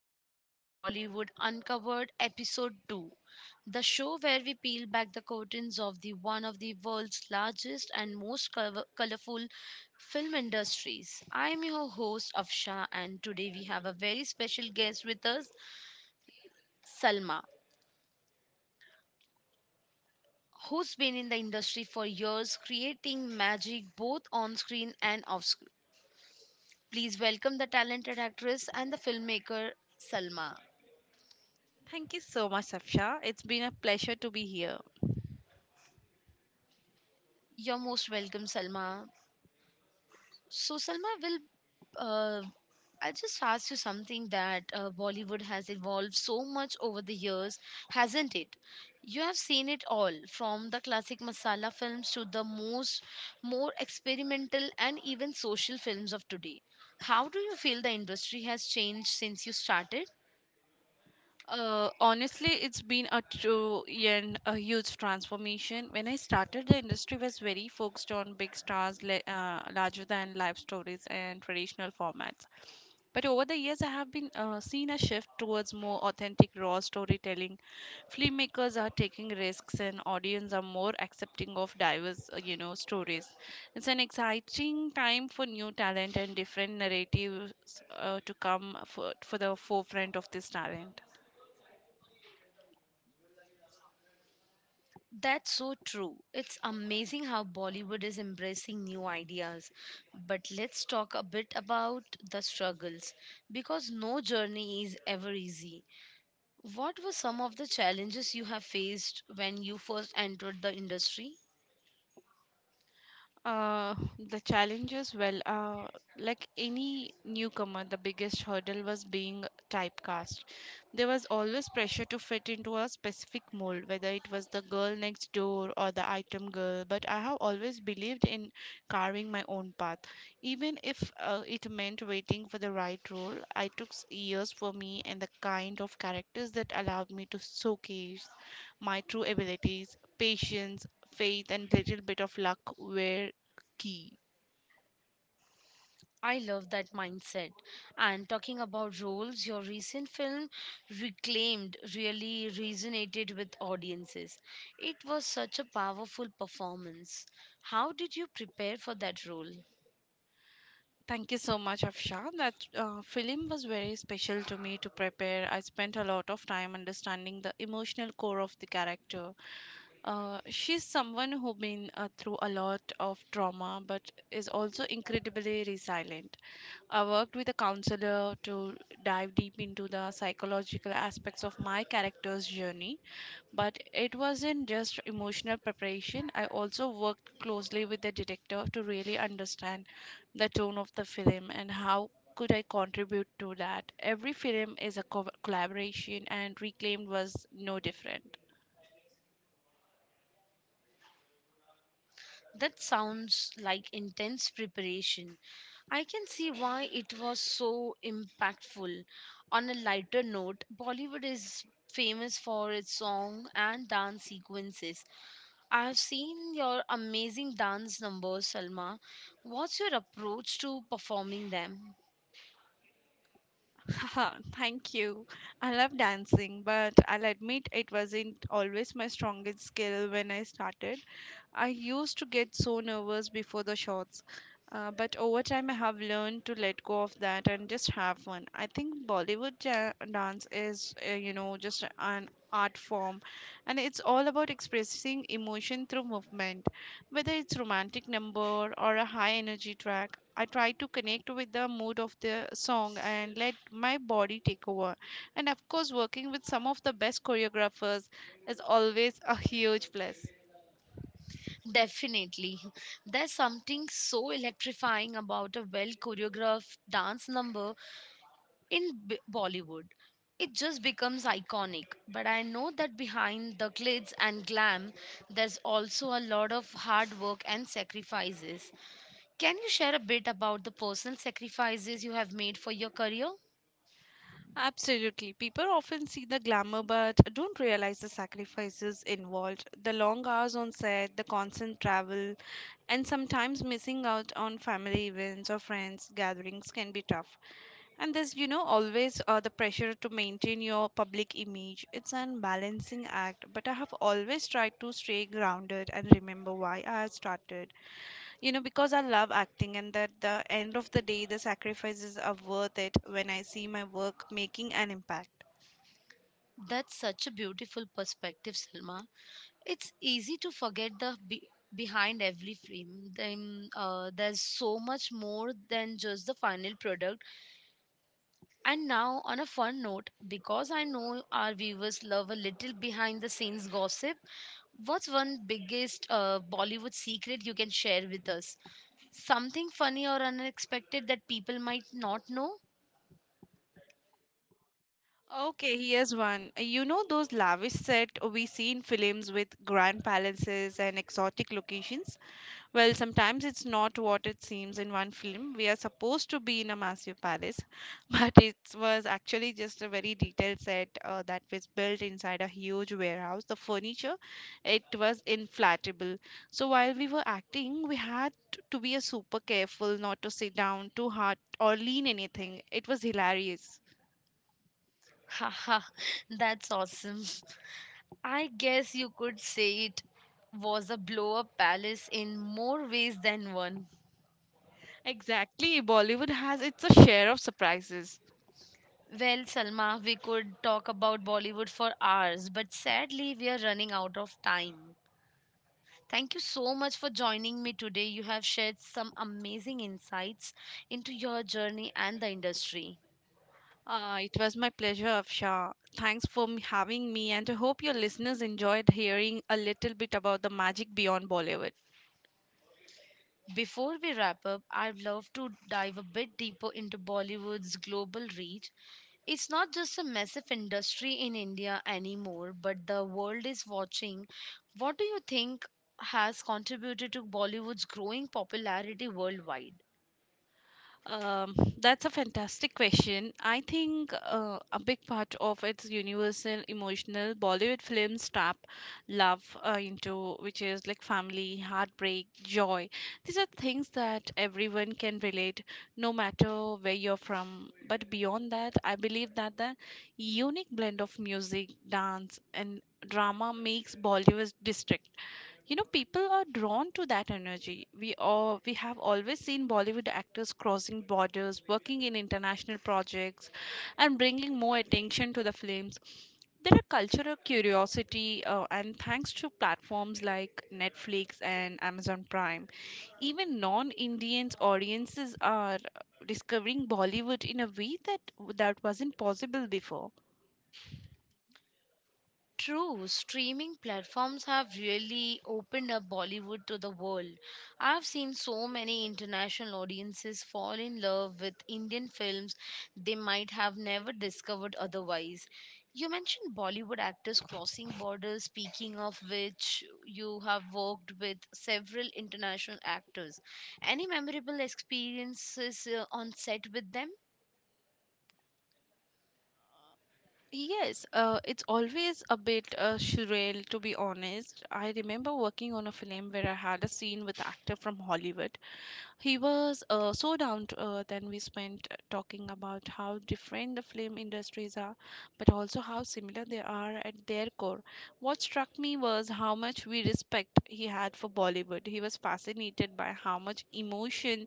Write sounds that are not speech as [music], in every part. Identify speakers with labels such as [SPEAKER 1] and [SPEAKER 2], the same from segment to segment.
[SPEAKER 1] everyone to Bollywood Uncovered Episode 2, the show where we peel back the curtains of the one of the world's largest and most colorful film industries. I am your host Afsha and today we have a very special guest with us, Salma, who's been in the industry for years creating magic both on screen and off screen. Please welcome the talented actress and the filmmaker Salma.
[SPEAKER 2] Thank you so much, Safsha. It's been a pleasure to be here.
[SPEAKER 1] You're most welcome, Salma. So, Salma, will uh, I just asked you something that Bollywood has evolved so much over the years, hasn't it? You have seen it all, from the classic masala films to the most more experimental and even social films of today. How do you feel the industry has changed since you started?
[SPEAKER 2] Honestly, it's been a true and a huge transformation. When I started, the industry was very focused on big stars, larger than life stories, and traditional formats. But over the years, I have been seen a shift towards more authentic, raw storytelling. Filmmakers are taking risks, and audience are more accepting of diverse, you know, stories. It's an exciting time for new talent and different narratives to come for the forefront of this talent.
[SPEAKER 1] That's so true. It's amazing how Bollywood is embracing new ideas. But let's talk a bit about the struggles because no journey is ever easy. What were some of the challenges you have faced when you first entered the industry?
[SPEAKER 2] The challenges, like any newcomer, the biggest hurdle was being typecast. There was always pressure to fit into a specific mold, whether it was the girl next door or the item girl. But I have always believed in carving my own path, even if it meant waiting for the right role. I took years for me and the kind of characters that allowed me to showcase my true abilities, patience, faith, and little bit of luck were key.
[SPEAKER 1] I love that mindset. And talking about roles, your recent film Reclaimed really resonated with audiences. It was such a powerful performance. How did you prepare for that role?
[SPEAKER 2] Thank you so much, Afsha. That film was very special to me to prepare. I spent a lot of time understanding the emotional core of the character. She's someone who been through a lot of trauma, but is also incredibly resilient. I worked with a counselor to dive deep into the psychological aspects of my character's journey. But it wasn't just emotional preparation. I also worked closely with the director to really understand the tone of the film and how could I contribute to that. Every film is a collaboration, and Reclaimed was no different.
[SPEAKER 1] That sounds like intense preparation. I can see why it was so impactful. On a lighter note, Bollywood is famous for its song and dance sequences. I have seen your amazing dance numbers, Salma. What's your approach to performing them?
[SPEAKER 2] Haha, thank you. I love dancing, but I'll admit it wasn't always my strongest skill when I started. I used to get so nervous before the shots, but over time I have learned to let go of that and just have fun. I think Bollywood dance is, you know, just an art form, and it's all about expressing emotion through movement, whether it's romantic number or a high energy track. I try to connect with the mood of the song and let my body take over. And of course, working with some of the best choreographers is always a huge plus.
[SPEAKER 1] Definitely. There's something so electrifying about a well choreographed dance number in Bollywood. It just becomes iconic. But I know that behind the glitz and glam, there's also a lot of hard work and sacrifices. Can you share a bit about the personal sacrifices you have made for your career?
[SPEAKER 2] Absolutely. People often see the glamour but don't realize the sacrifices involved. The long hours on set, the constant travel, and sometimes missing out on family events or friends gatherings can be tough. And there's, you know, always the pressure to maintain your public image. It's an balancing act, but I have always tried to stay grounded and remember why I had started, you know, because I love acting, and that the end of the day the sacrifices are worth it when I see my work making an impact.
[SPEAKER 1] That's such a beautiful perspective, Selma. It's easy to forget the behind every frame. Then, there's so much more than just the final product. And now, on a fun note, because I know our viewers love a little behind the scenes gossip, what's one biggest Bollywood secret you can share with us? Something funny or unexpected that people might not know?
[SPEAKER 2] Okay, here's one. You know those lavish set we see in films with grand palaces and exotic locations? Well, sometimes it's not what it seems. In one film, we are supposed to be in a massive palace, [laughs] but it was actually just a very detailed set that was built inside a huge warehouse. The furniture, it was inflatable. So while we were acting, we had to be a super careful not to sit down too hard or lean anything. It was hilarious.
[SPEAKER 1] Haha, [laughs] that's awesome. I guess you could say it was a blow up palace in more ways than one.
[SPEAKER 2] Exactly, Bollywood has its a share of surprises.
[SPEAKER 1] Well, Salma, we could talk about Bollywood for hours, but sadly, we are running out of time. Thank you so much for joining me today. You have shared some amazing insights into your journey and the industry.
[SPEAKER 2] It was my pleasure, Afsha. Thanks for having me, and I hope your listeners enjoyed hearing a little bit about the magic beyond Bollywood.
[SPEAKER 1] Before we wrap up, I'd love to dive a bit deeper into Bollywood's global reach. It's not just a massive industry in India anymore, but the world is watching. What do you think has contributed to Bollywood's growing popularity worldwide?
[SPEAKER 2] That's a fantastic question. I think a big part of its universal emotional Bollywood films tap love into, which is like family, heartbreak, joy. These are things that everyone can relate, no matter where you're from. But beyond that, I believe that the unique blend of music, dance, and drama makes Bollywood distinct. You know, people are drawn to that energy. We all we have always seen Bollywood actors crossing borders, working in international projects and bringing more attention to the films. There are cultural curiosity, and thanks to platforms like Netflix and Amazon Prime, even non-Indians audiences are discovering Bollywood in a way that wasn't possible before.
[SPEAKER 1] True, streaming platforms have really opened up Bollywood to the world. I've seen so many international audiences fall in love with Indian films they might have never discovered otherwise. You mentioned Bollywood actors crossing borders, speaking of which, you have worked with several international actors. Any memorable experiences on set with them?
[SPEAKER 2] Yes, it's always a bit surreal to be honest. I remember working on a film where I had a scene with an actor from Hollywood. He was so down to earth, and we spent talking about how different the film industries are, but also how similar they are at their core. What struck me was how much we respect he had for Bollywood. He was fascinated by how much emotion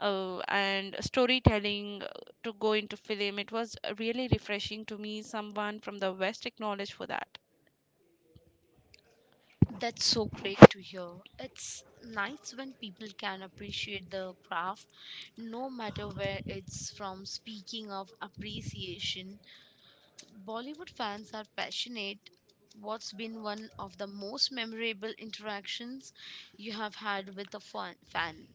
[SPEAKER 2] uh, and storytelling to go into film. It was really refreshing to me. Someone from the West acknowledged for that.
[SPEAKER 1] That's so great to hear. It's nice when people can appreciate the craft, no matter where it's from. Speaking of appreciation, Bollywood fans are passionate. What's been one of the most memorable interactions you have had with a fan?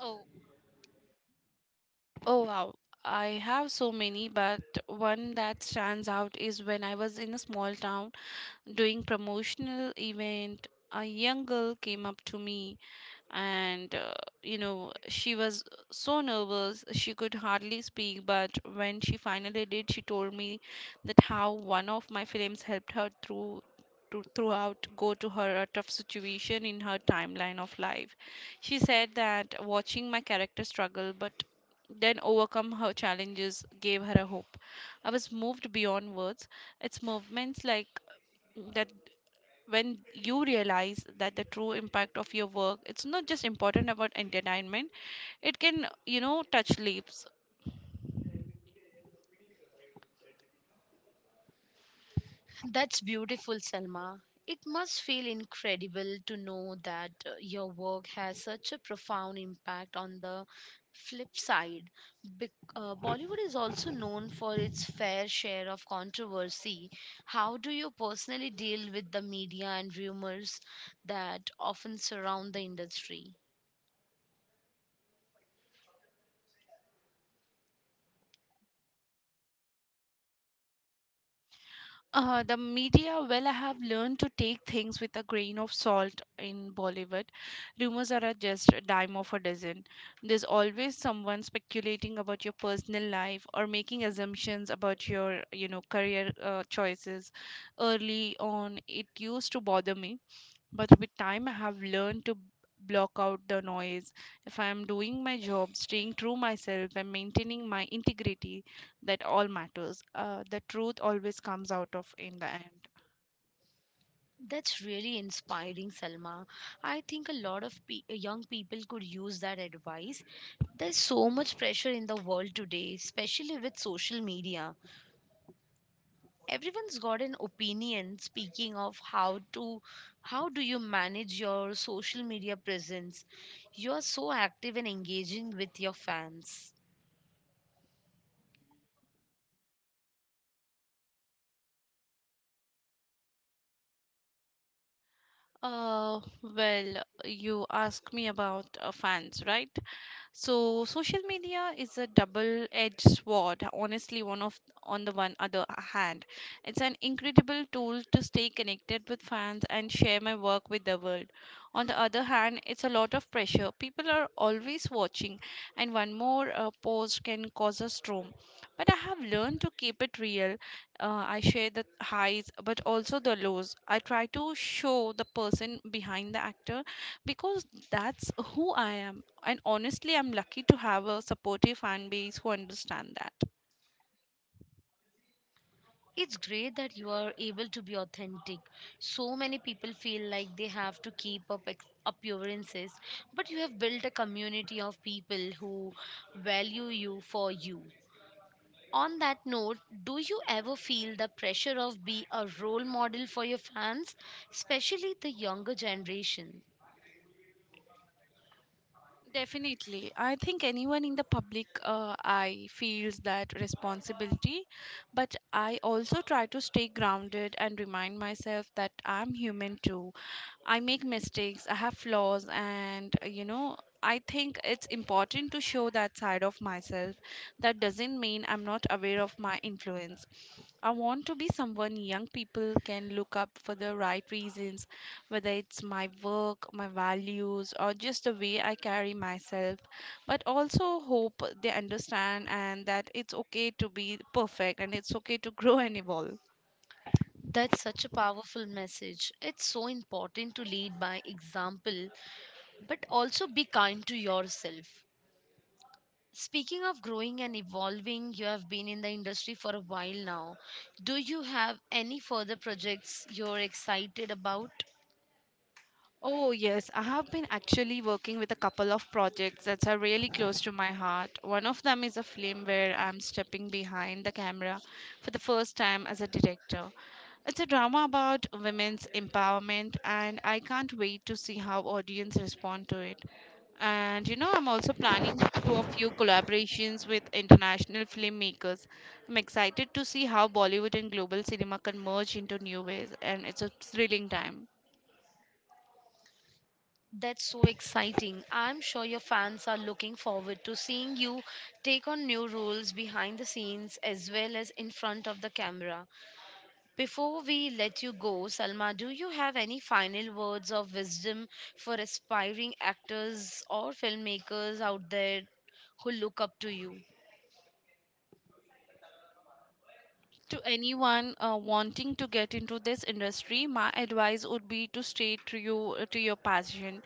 [SPEAKER 2] Oh, oh wow. I have so many, but one that stands out is when I was in a small town doing promotional event. A young girl came up to me, and you know, she was so nervous she could hardly speak, but when she finally did, she told me that how one of my films helped her through to throughout go to her a tough situation in her timeline of life. She said that watching my character struggle but then overcome her challenges gave her a hope. I was moved beyond words. It's movements like that when you realize that the true impact of your work, it's not just important about entertainment. It can, you know, touch lives.
[SPEAKER 1] That's beautiful, Selma. It must feel incredible to know that your work has such a profound impact on the flip side. Bollywood is also known for its fair share of controversy. How do you personally deal with the media and rumors that often surround the industry?
[SPEAKER 2] Uh, the media, well, I have learned to take things with a grain of salt. In Bollywood, rumors are at just a dime of a dozen. There's always someone speculating about your personal life or making assumptions about your, you know, career choices. Early on it used to bother me, but with time I have learned to block out the noise. If I am doing my job, staying true myself and maintaining my integrity, that all matters. Uh, the truth always comes out of in the end.
[SPEAKER 1] That's really inspiring, Salma. I think a lot of young people could use that advice. There's so much pressure in the world today, especially with social media. Everyone's got an opinion speaking of how do you manage your social media presence? You're so active and engaging with your fans.
[SPEAKER 2] Uh, well, you asked me about fans, right? So social media is a double-edged sword, honestly. One of on the one other hand, it's an incredible tool to stay connected with fans and share my work with the world. On the other hand, it's a lot of pressure. People are always watching, and one more post can cause a storm. But I have learned to keep it real. I share the highs, but also the lows. I try to show the person behind the actor, because that's who I am. And honestly, I'm lucky to have a supportive fan base who understand that.
[SPEAKER 1] It's great that you are able to be authentic. So many people feel like they have to keep up appearances, but you have built a community of people who value you for you. On that note, do you ever feel the pressure of being a role model for your fans, especially the younger generation?
[SPEAKER 2] Definitely. I think anyone in the public eye feels that responsibility, but I also try to stay grounded and remind myself that I'm human too. I make mistakes, I have flaws, and you know, I think it's important to show that side of myself. That doesn't mean I'm not aware of my influence. I want to be someone young people can look up for the right reasons, whether it's my work, my values, or just the way I carry myself. But also hope they understand and that it's okay to be perfect and it's okay to [laughs] grow and evolve.
[SPEAKER 1] That's such a powerful message. It's so important to lead by example, but also be kind to yourself. Speaking of growing and evolving, you have been in the industry for a while now. Do you have any further projects you're excited about?
[SPEAKER 2] Oh, yes. I have been actually working with a couple of projects that are really close to my heart. One of them is a film where I'm stepping behind the camera for the first time as a director. It's a drama about women's empowerment, and I can't wait to see how audience respond to it. And you know, I'm also planning to a few collaborations with international filmmakers. I'm excited to see how Bollywood and global cinema can merge into new ways, and it's a thrilling time.
[SPEAKER 1] That's so exciting. I'm sure your fans are looking forward to seeing you take on new roles behind the scenes as well as in front of the camera. Before we let you go, Salma, do you have any final words of wisdom for aspiring actors or filmmakers out there who look up to you?
[SPEAKER 2] To anyone wanting to get into this industry, my advice would be to stay to you to your passion.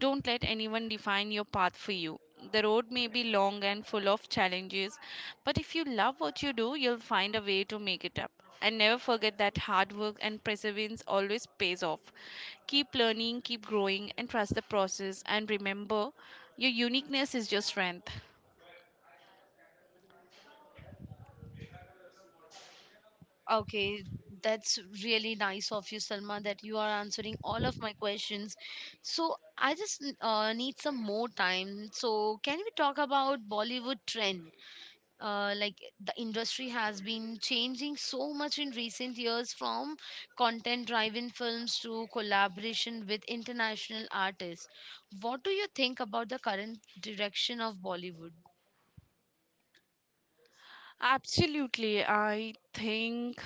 [SPEAKER 2] Don't let anyone define your path for you. The road may be long and full of challenges, but if you love what you do, you'll find a way to make it up. And never forget that hard work and perseverance always pays off. Keep learning, keep growing, and trust the process. And remember, your uniqueness is your strength.
[SPEAKER 1] Okay, that's really nice of you, Salma, that you are answering all of my questions. So I just need some more time. So can we talk about Bollywood trend? Like the industry has been changing so much in recent years, from content-driven films to collaboration with international artists. What do you think about the current direction of Bollywood?
[SPEAKER 2] Absolutely. I think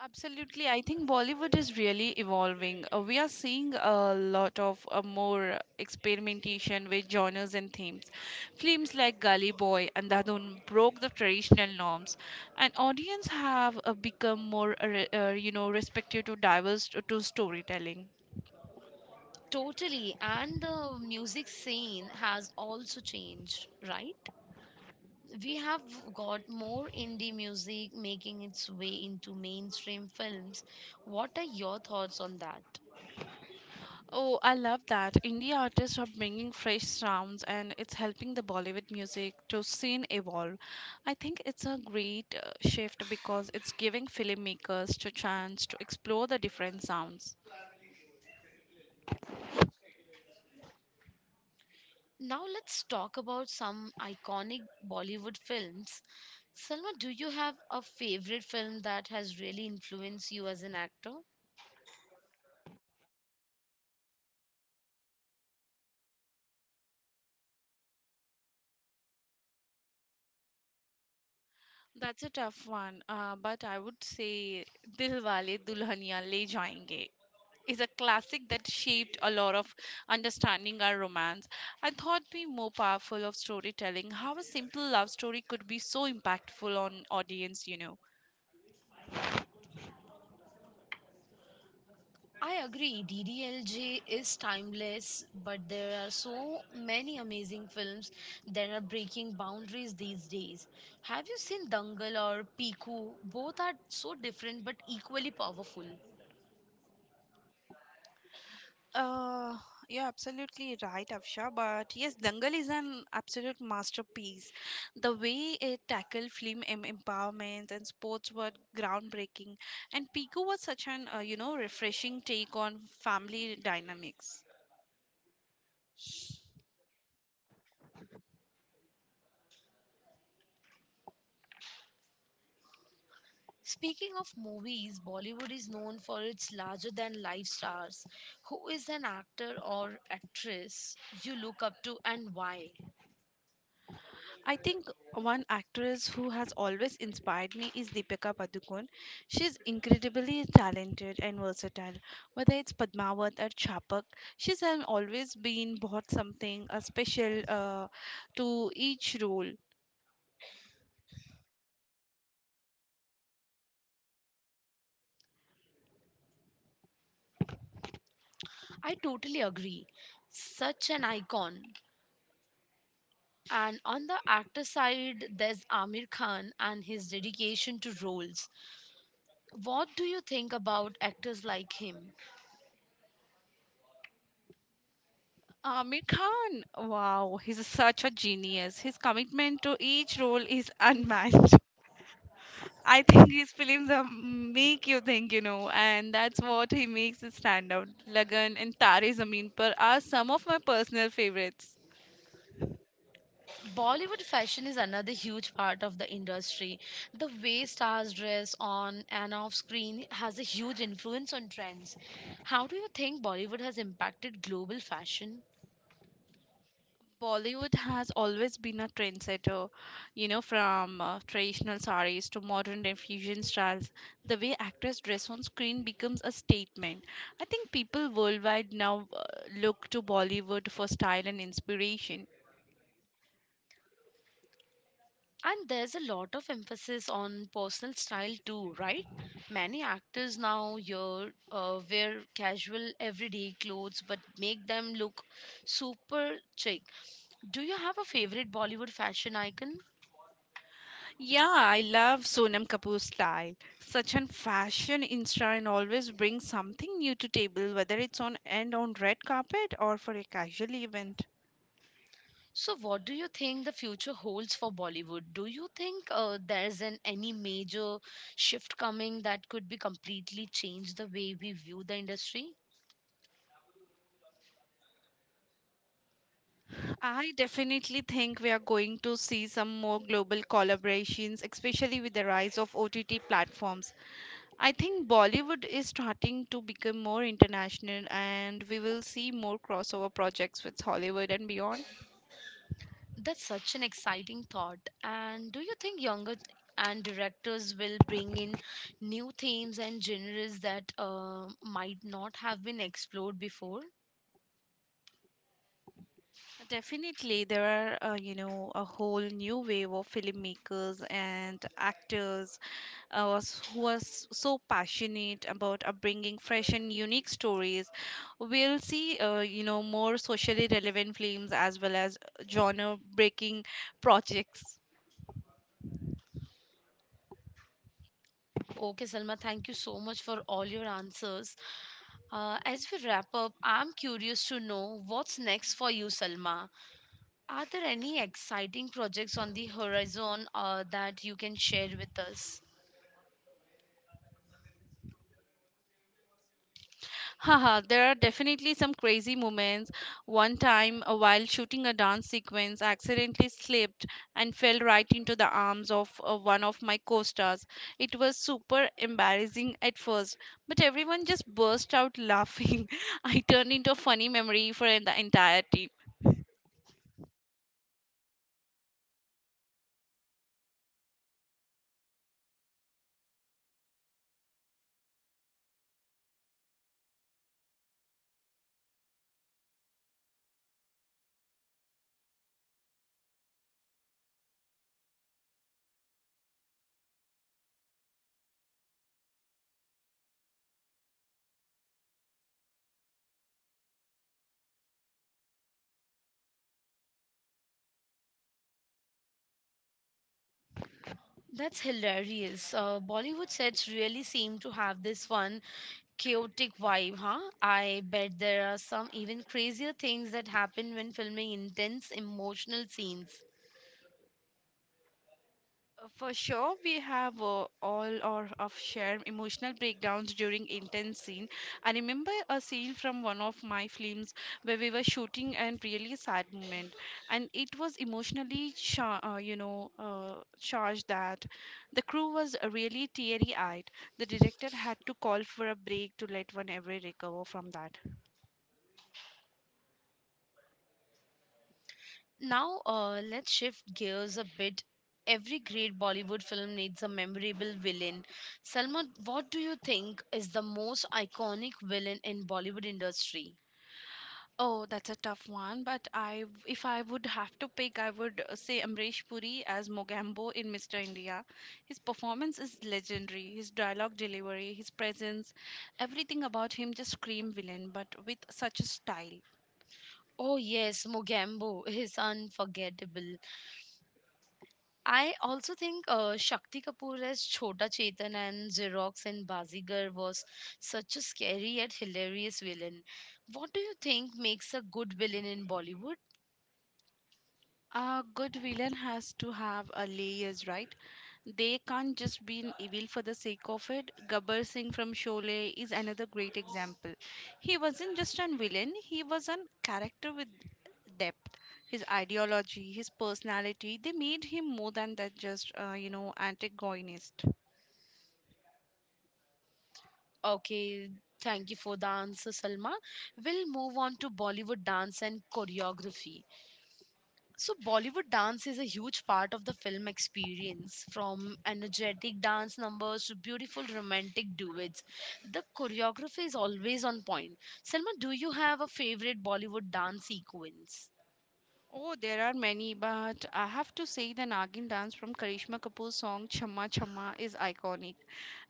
[SPEAKER 2] Absolutely. I think Bollywood is really evolving. We are seeing a lot of more experimentation with genres and themes. Films like Gully Boy and Dadun broke the traditional norms, and audience have become more, you know, respective to diverse to storytelling.
[SPEAKER 1] Totally, and the music scene has also changed, right? We have got more indie music making its way into mainstream films. What are your thoughts on that?
[SPEAKER 2] Oh, I love that. Indie artists are bringing fresh sounds, and it's helping the Bollywood music to scene evolve. I think it's a great shift because it's giving filmmakers to chance to explore the different sounds.
[SPEAKER 1] Now let's talk about some iconic Bollywood films. Selma, do you have a favorite film that has really influenced you as an actor?
[SPEAKER 2] That's a tough one, but I would say Dil Wale Dulhania Le Jayenge is a classic that shaped a lot of understanding our romance. I thought be more powerful of storytelling how a simple love story could be so impactful on audience, you know.
[SPEAKER 1] I agree. DDLJ is timeless, but there are so many amazing films that are breaking boundaries these days. Have you seen Dangal or Piku? Both are so different but equally powerful.
[SPEAKER 2] Uh, you're absolutely right, Afsha. But yes, Dangal is an absolute masterpiece. The way it tackled empowerment and sports were groundbreaking, and Pico was such an refreshing take on family dynamics.
[SPEAKER 1] Speaking of movies, Bollywood is known for its larger than life stars. Who is an actor or actress you look up to and why?
[SPEAKER 2] I think one actress who has always inspired me is Deepika Padukone. She's incredibly talented and versatile. Whether it's Padmavat or Chapak, always been brought something special to each role.
[SPEAKER 1] I totally agree. Such an icon. And on the actor side, there's Amir Khan and his dedication to roles. What do you think about actors like him?
[SPEAKER 2] Amir Khan, wow, he's such a genius. His commitment to each role is [laughs] unmatched. I think his films are make you think, you know, and that's what he makes it stand out. Lagan and Tare Zameen Par are some of my personal favorites.
[SPEAKER 1] Bollywood fashion is another huge part of the industry. The way stars dress on and off screen has a huge influence on trends. How do you think Bollywood has impacted global fashion?
[SPEAKER 2] Bollywood has always been a trendsetter, you know, from traditional saris to modern and fusion styles. The way actors dress on screen becomes a statement. I think people worldwide now look to Bollywood for style and inspiration.
[SPEAKER 1] And there's a lot of emphasis on personal style too, right? Many actors now here wear casual everyday clothes but make them look super chic. Do you have a favorite Bollywood fashion icon?
[SPEAKER 2] Yeah, I love Sonam Kapoor's style. Such an fashion insta and always brings something new to table, whether it's on and on red carpet or for a casual event.
[SPEAKER 1] So, what do you think the future holds for Bollywood? Do you think there's an any major shift coming that could be completely change the way we view the industry?
[SPEAKER 2] I definitely think we are going to see some more global collaborations, especially with the rise of OTT platforms. I think Bollywood is starting to become more international, and we will see more crossover projects with Hollywood and beyond.
[SPEAKER 1] That's such an exciting thought. And do you think younger and directors will bring in new themes and genres that might not have been explored before?
[SPEAKER 2] Definitely, there are, you know, a whole new wave of filmmakers and actors so passionate about bringing fresh and unique stories. We'll see, you know, more socially relevant films as well as genre breaking projects.
[SPEAKER 1] Okay, Salma, thank you so much for all your answers. As we wrap up, I'm curious to know what's next for you, Salma. Are there any exciting projects on the horizon that you can share with us?
[SPEAKER 2] Haha, there are definitely some crazy moments. One time, while shooting a dance sequence, I accidentally slipped and fell right into the arms of one of my co stars. It was super embarrassing at first, but everyone just burst out laughing. [laughs] I turned into a funny memory for the entire team.
[SPEAKER 1] That's hilarious. Bollywood sets really seem to have this one chaotic vibe, huh? I bet there are some even crazier things that happen when filming intense emotional scenes.
[SPEAKER 2] For sure, we have all or of shared emotional breakdowns during intense scene. I remember a scene from one of my films where we were shooting and really sad moment, and it was emotionally, charged that the crew was really teary-eyed. The director had to call for a break to let one every recover from that.
[SPEAKER 1] Now, let's shift gears a bit. Every great Bollywood film needs a memorable villain. Salma, what do you think is the most iconic villain in Bollywood industry?
[SPEAKER 2] Oh, that's a tough one, but I if I would have to pick, I would say Amrish Puri as Mogambo in Mr. India. His performance is legendary. His dialogue delivery, his presence, everything about him just scream villain, but with such a style.
[SPEAKER 1] Oh yes, Mogambo is unforgettable. I also think Shakti Kapoor as Chota Chetan and Xerox and Bazigar was such a scary yet hilarious villain. What do you think makes a good villain in Bollywood?
[SPEAKER 2] A good villain has to have a layers, right? They can't just be an evil for the sake of it. Gabbar Singh from Sholay is another great example. He wasn't just an villain, he was a character with depth. His ideology, his personality, they made him more than that just, antagonist.
[SPEAKER 1] Okay, thank you for the answer, Salma. We'll move on to Bollywood dance and choreography. So, Bollywood dance is a huge part of the film experience, from energetic dance numbers to beautiful romantic duets. The choreography is always on point. Selma, do you have a favorite Bollywood dance sequence?
[SPEAKER 2] Oh, there are many, but I have to say the Nagin dance from Karishma Kapoor's song Chamma Chamma is iconic.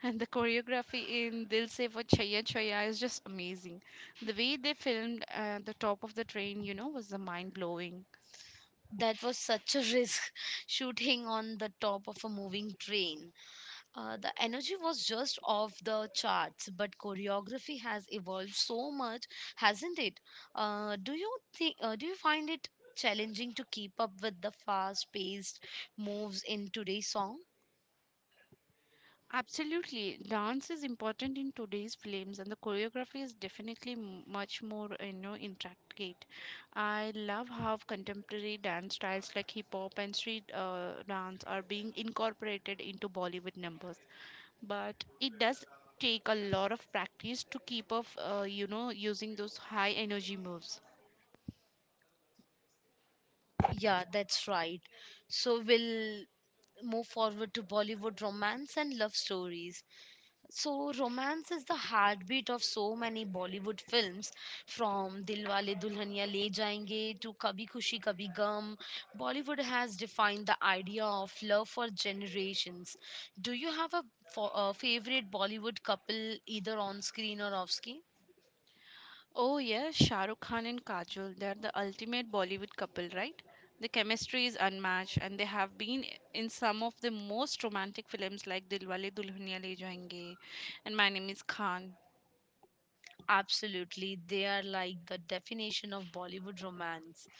[SPEAKER 2] And the choreography in Dil Se Wo Chaya Chaya is just amazing. The way they filmed the top of the train, you know, was mind blowing.
[SPEAKER 1] That was such a risk [laughs] shooting on the top of a moving train. The energy was just off the charts, but choreography has evolved so much, hasn't it? Do you think? Do you find it challenging to keep up with the fast-paced moves in today's song?
[SPEAKER 2] Absolutely. Dance is important in today's films, and the choreography is definitely much more, intricate. I love how contemporary dance styles like hip hop and street dance are being incorporated into Bollywood numbers. But it does take a lot of practice to keep up, using those high energy moves.
[SPEAKER 1] Yeah, that's right. So we'll move forward to Bollywood romance and love stories. So, romance is the heartbeat of so many Bollywood films, from Dilwale Dulhania Le Jayenge to Kabhi Khushi Kabhi Gum. Bollywood has defined the idea of love for generations. Do you have a favorite Bollywood couple, either on screen or off screen?
[SPEAKER 2] Oh yes, Shah Rukh Khan and Kajol, they are the ultimate Bollywood couple, right? The chemistry is unmatched and they have been in some of the most romantic films like Dilwale Dulhaniya Le Jayenge and My Name is Khan.
[SPEAKER 1] Absolutely, they are like the definition of Bollywood romance.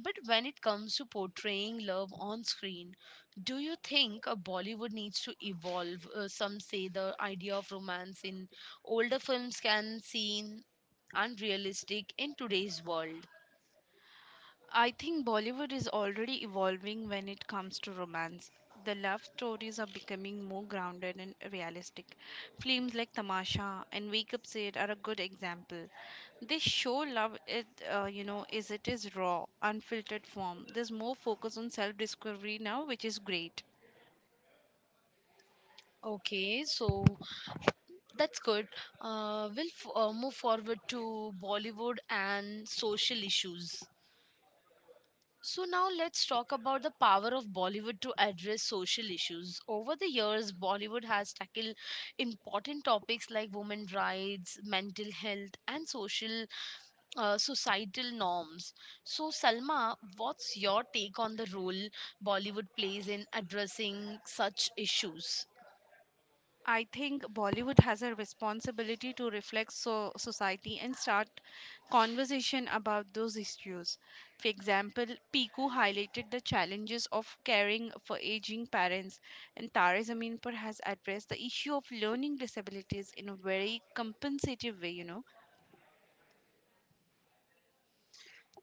[SPEAKER 1] But when it comes to portraying love on screen, do you think Bollywood needs to evolve? Some say the idea of romance in older films can seem unrealistic in today's world.
[SPEAKER 2] I think Bollywood is already evolving when it comes to romance. The love stories are becoming more grounded and realistic. Films like Tamasha and Wake Up Said are a good example. They show love, it is raw, unfiltered form. There's more focus on self-discovery now, which is great.
[SPEAKER 1] Okay, so that's good. We'll move forward to Bollywood and social issues. So, now let's talk about the power of Bollywood to address social issues. Over the years, Bollywood has tackled important topics like women rights, mental health, and social societal norms. So, Salma, what's your take on the role Bollywood plays in addressing such issues?
[SPEAKER 2] I think Bollywood has a responsibility to reflect so society and start conversation about those issues. For example, Piku highlighted the challenges of caring for aging parents, and Tare Zaminpur has addressed the issue of learning disabilities in a very compensative way, you know.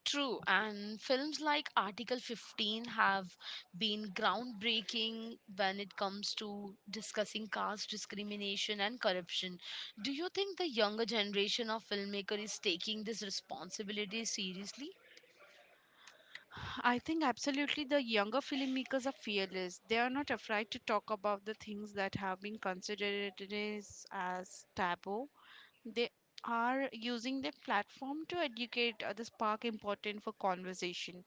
[SPEAKER 1] True, and films like Article 15 have been groundbreaking when it comes to discussing caste discrimination and corruption. Do you think the younger generation of filmmaker is taking this responsibility seriously?
[SPEAKER 2] I think absolutely the younger filmmakers are fearless. They are not afraid to talk about the things that have been considered as taboo. They are using their platform to educate the spark important for conversation.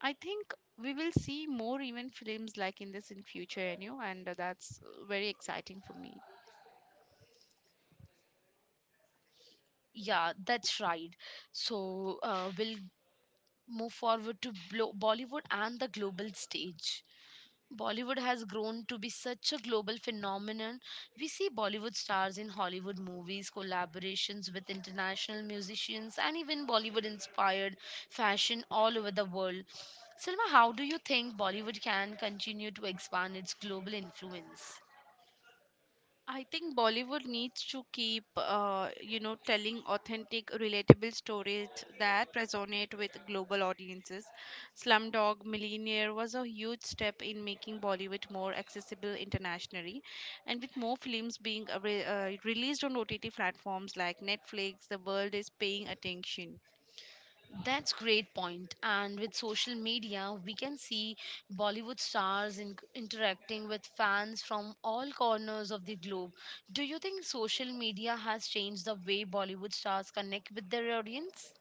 [SPEAKER 2] I think we will see more even films like in this in future, you know, and that's very exciting for me.
[SPEAKER 1] Yeah, that's right. So we'll move forward to Bollywood and the global stage. Bollywood has grown to be such a global phenomenon. We see Bollywood stars in Hollywood movies, collaborations with international musicians, and even Bollywood inspired fashion all over the world. Silma, how do you think Bollywood can continue to expand its global influence?
[SPEAKER 2] I think Bollywood needs to keep, telling authentic, relatable stories that resonate with global audiences. Slumdog Millionaire was a huge step in making Bollywood more accessible internationally, and with more films being released on OTT platforms like Netflix, the world is paying attention.
[SPEAKER 1] That's great point. And with social media, we can see Bollywood stars interacting with fans from all corners of the globe. Do you think social media has changed the way Bollywood stars connect with their audience?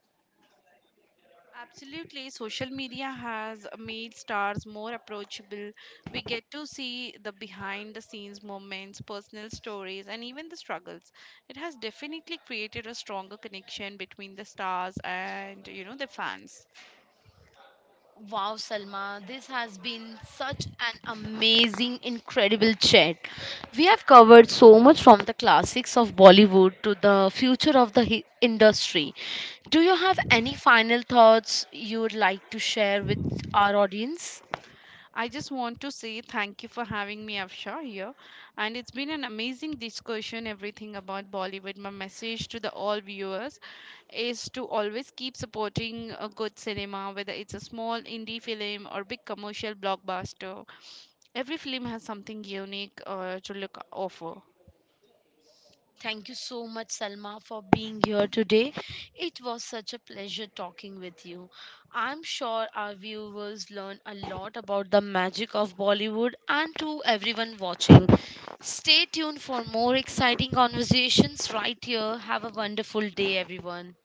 [SPEAKER 2] Absolutely, social media has made stars more approachable. We get to see the behind the scenes moments, personal stories, and even the struggles. It has definitely created a stronger connection between the stars and, you know, the fans.
[SPEAKER 1] Wow, Salma, this has been such an amazing, incredible chat. We have covered so much from the classics of Bollywood to the future of the industry. Do you have any final thoughts you would like to share with our audience?
[SPEAKER 2] I just want to say thank you for having me, Afshar, here. And it's been an amazing discussion, everything about Bollywood. My message to the all viewers is to always keep supporting a good cinema, whether it's a small indie film or big commercial blockbuster. Every film has something unique to look offer.
[SPEAKER 1] Thank you so much, Salma, for being here today. It was such a pleasure talking with you. I'm sure our viewers learn a lot about the magic of Bollywood and to everyone watching. Stay tuned for more exciting conversations right here. Have a wonderful day, everyone.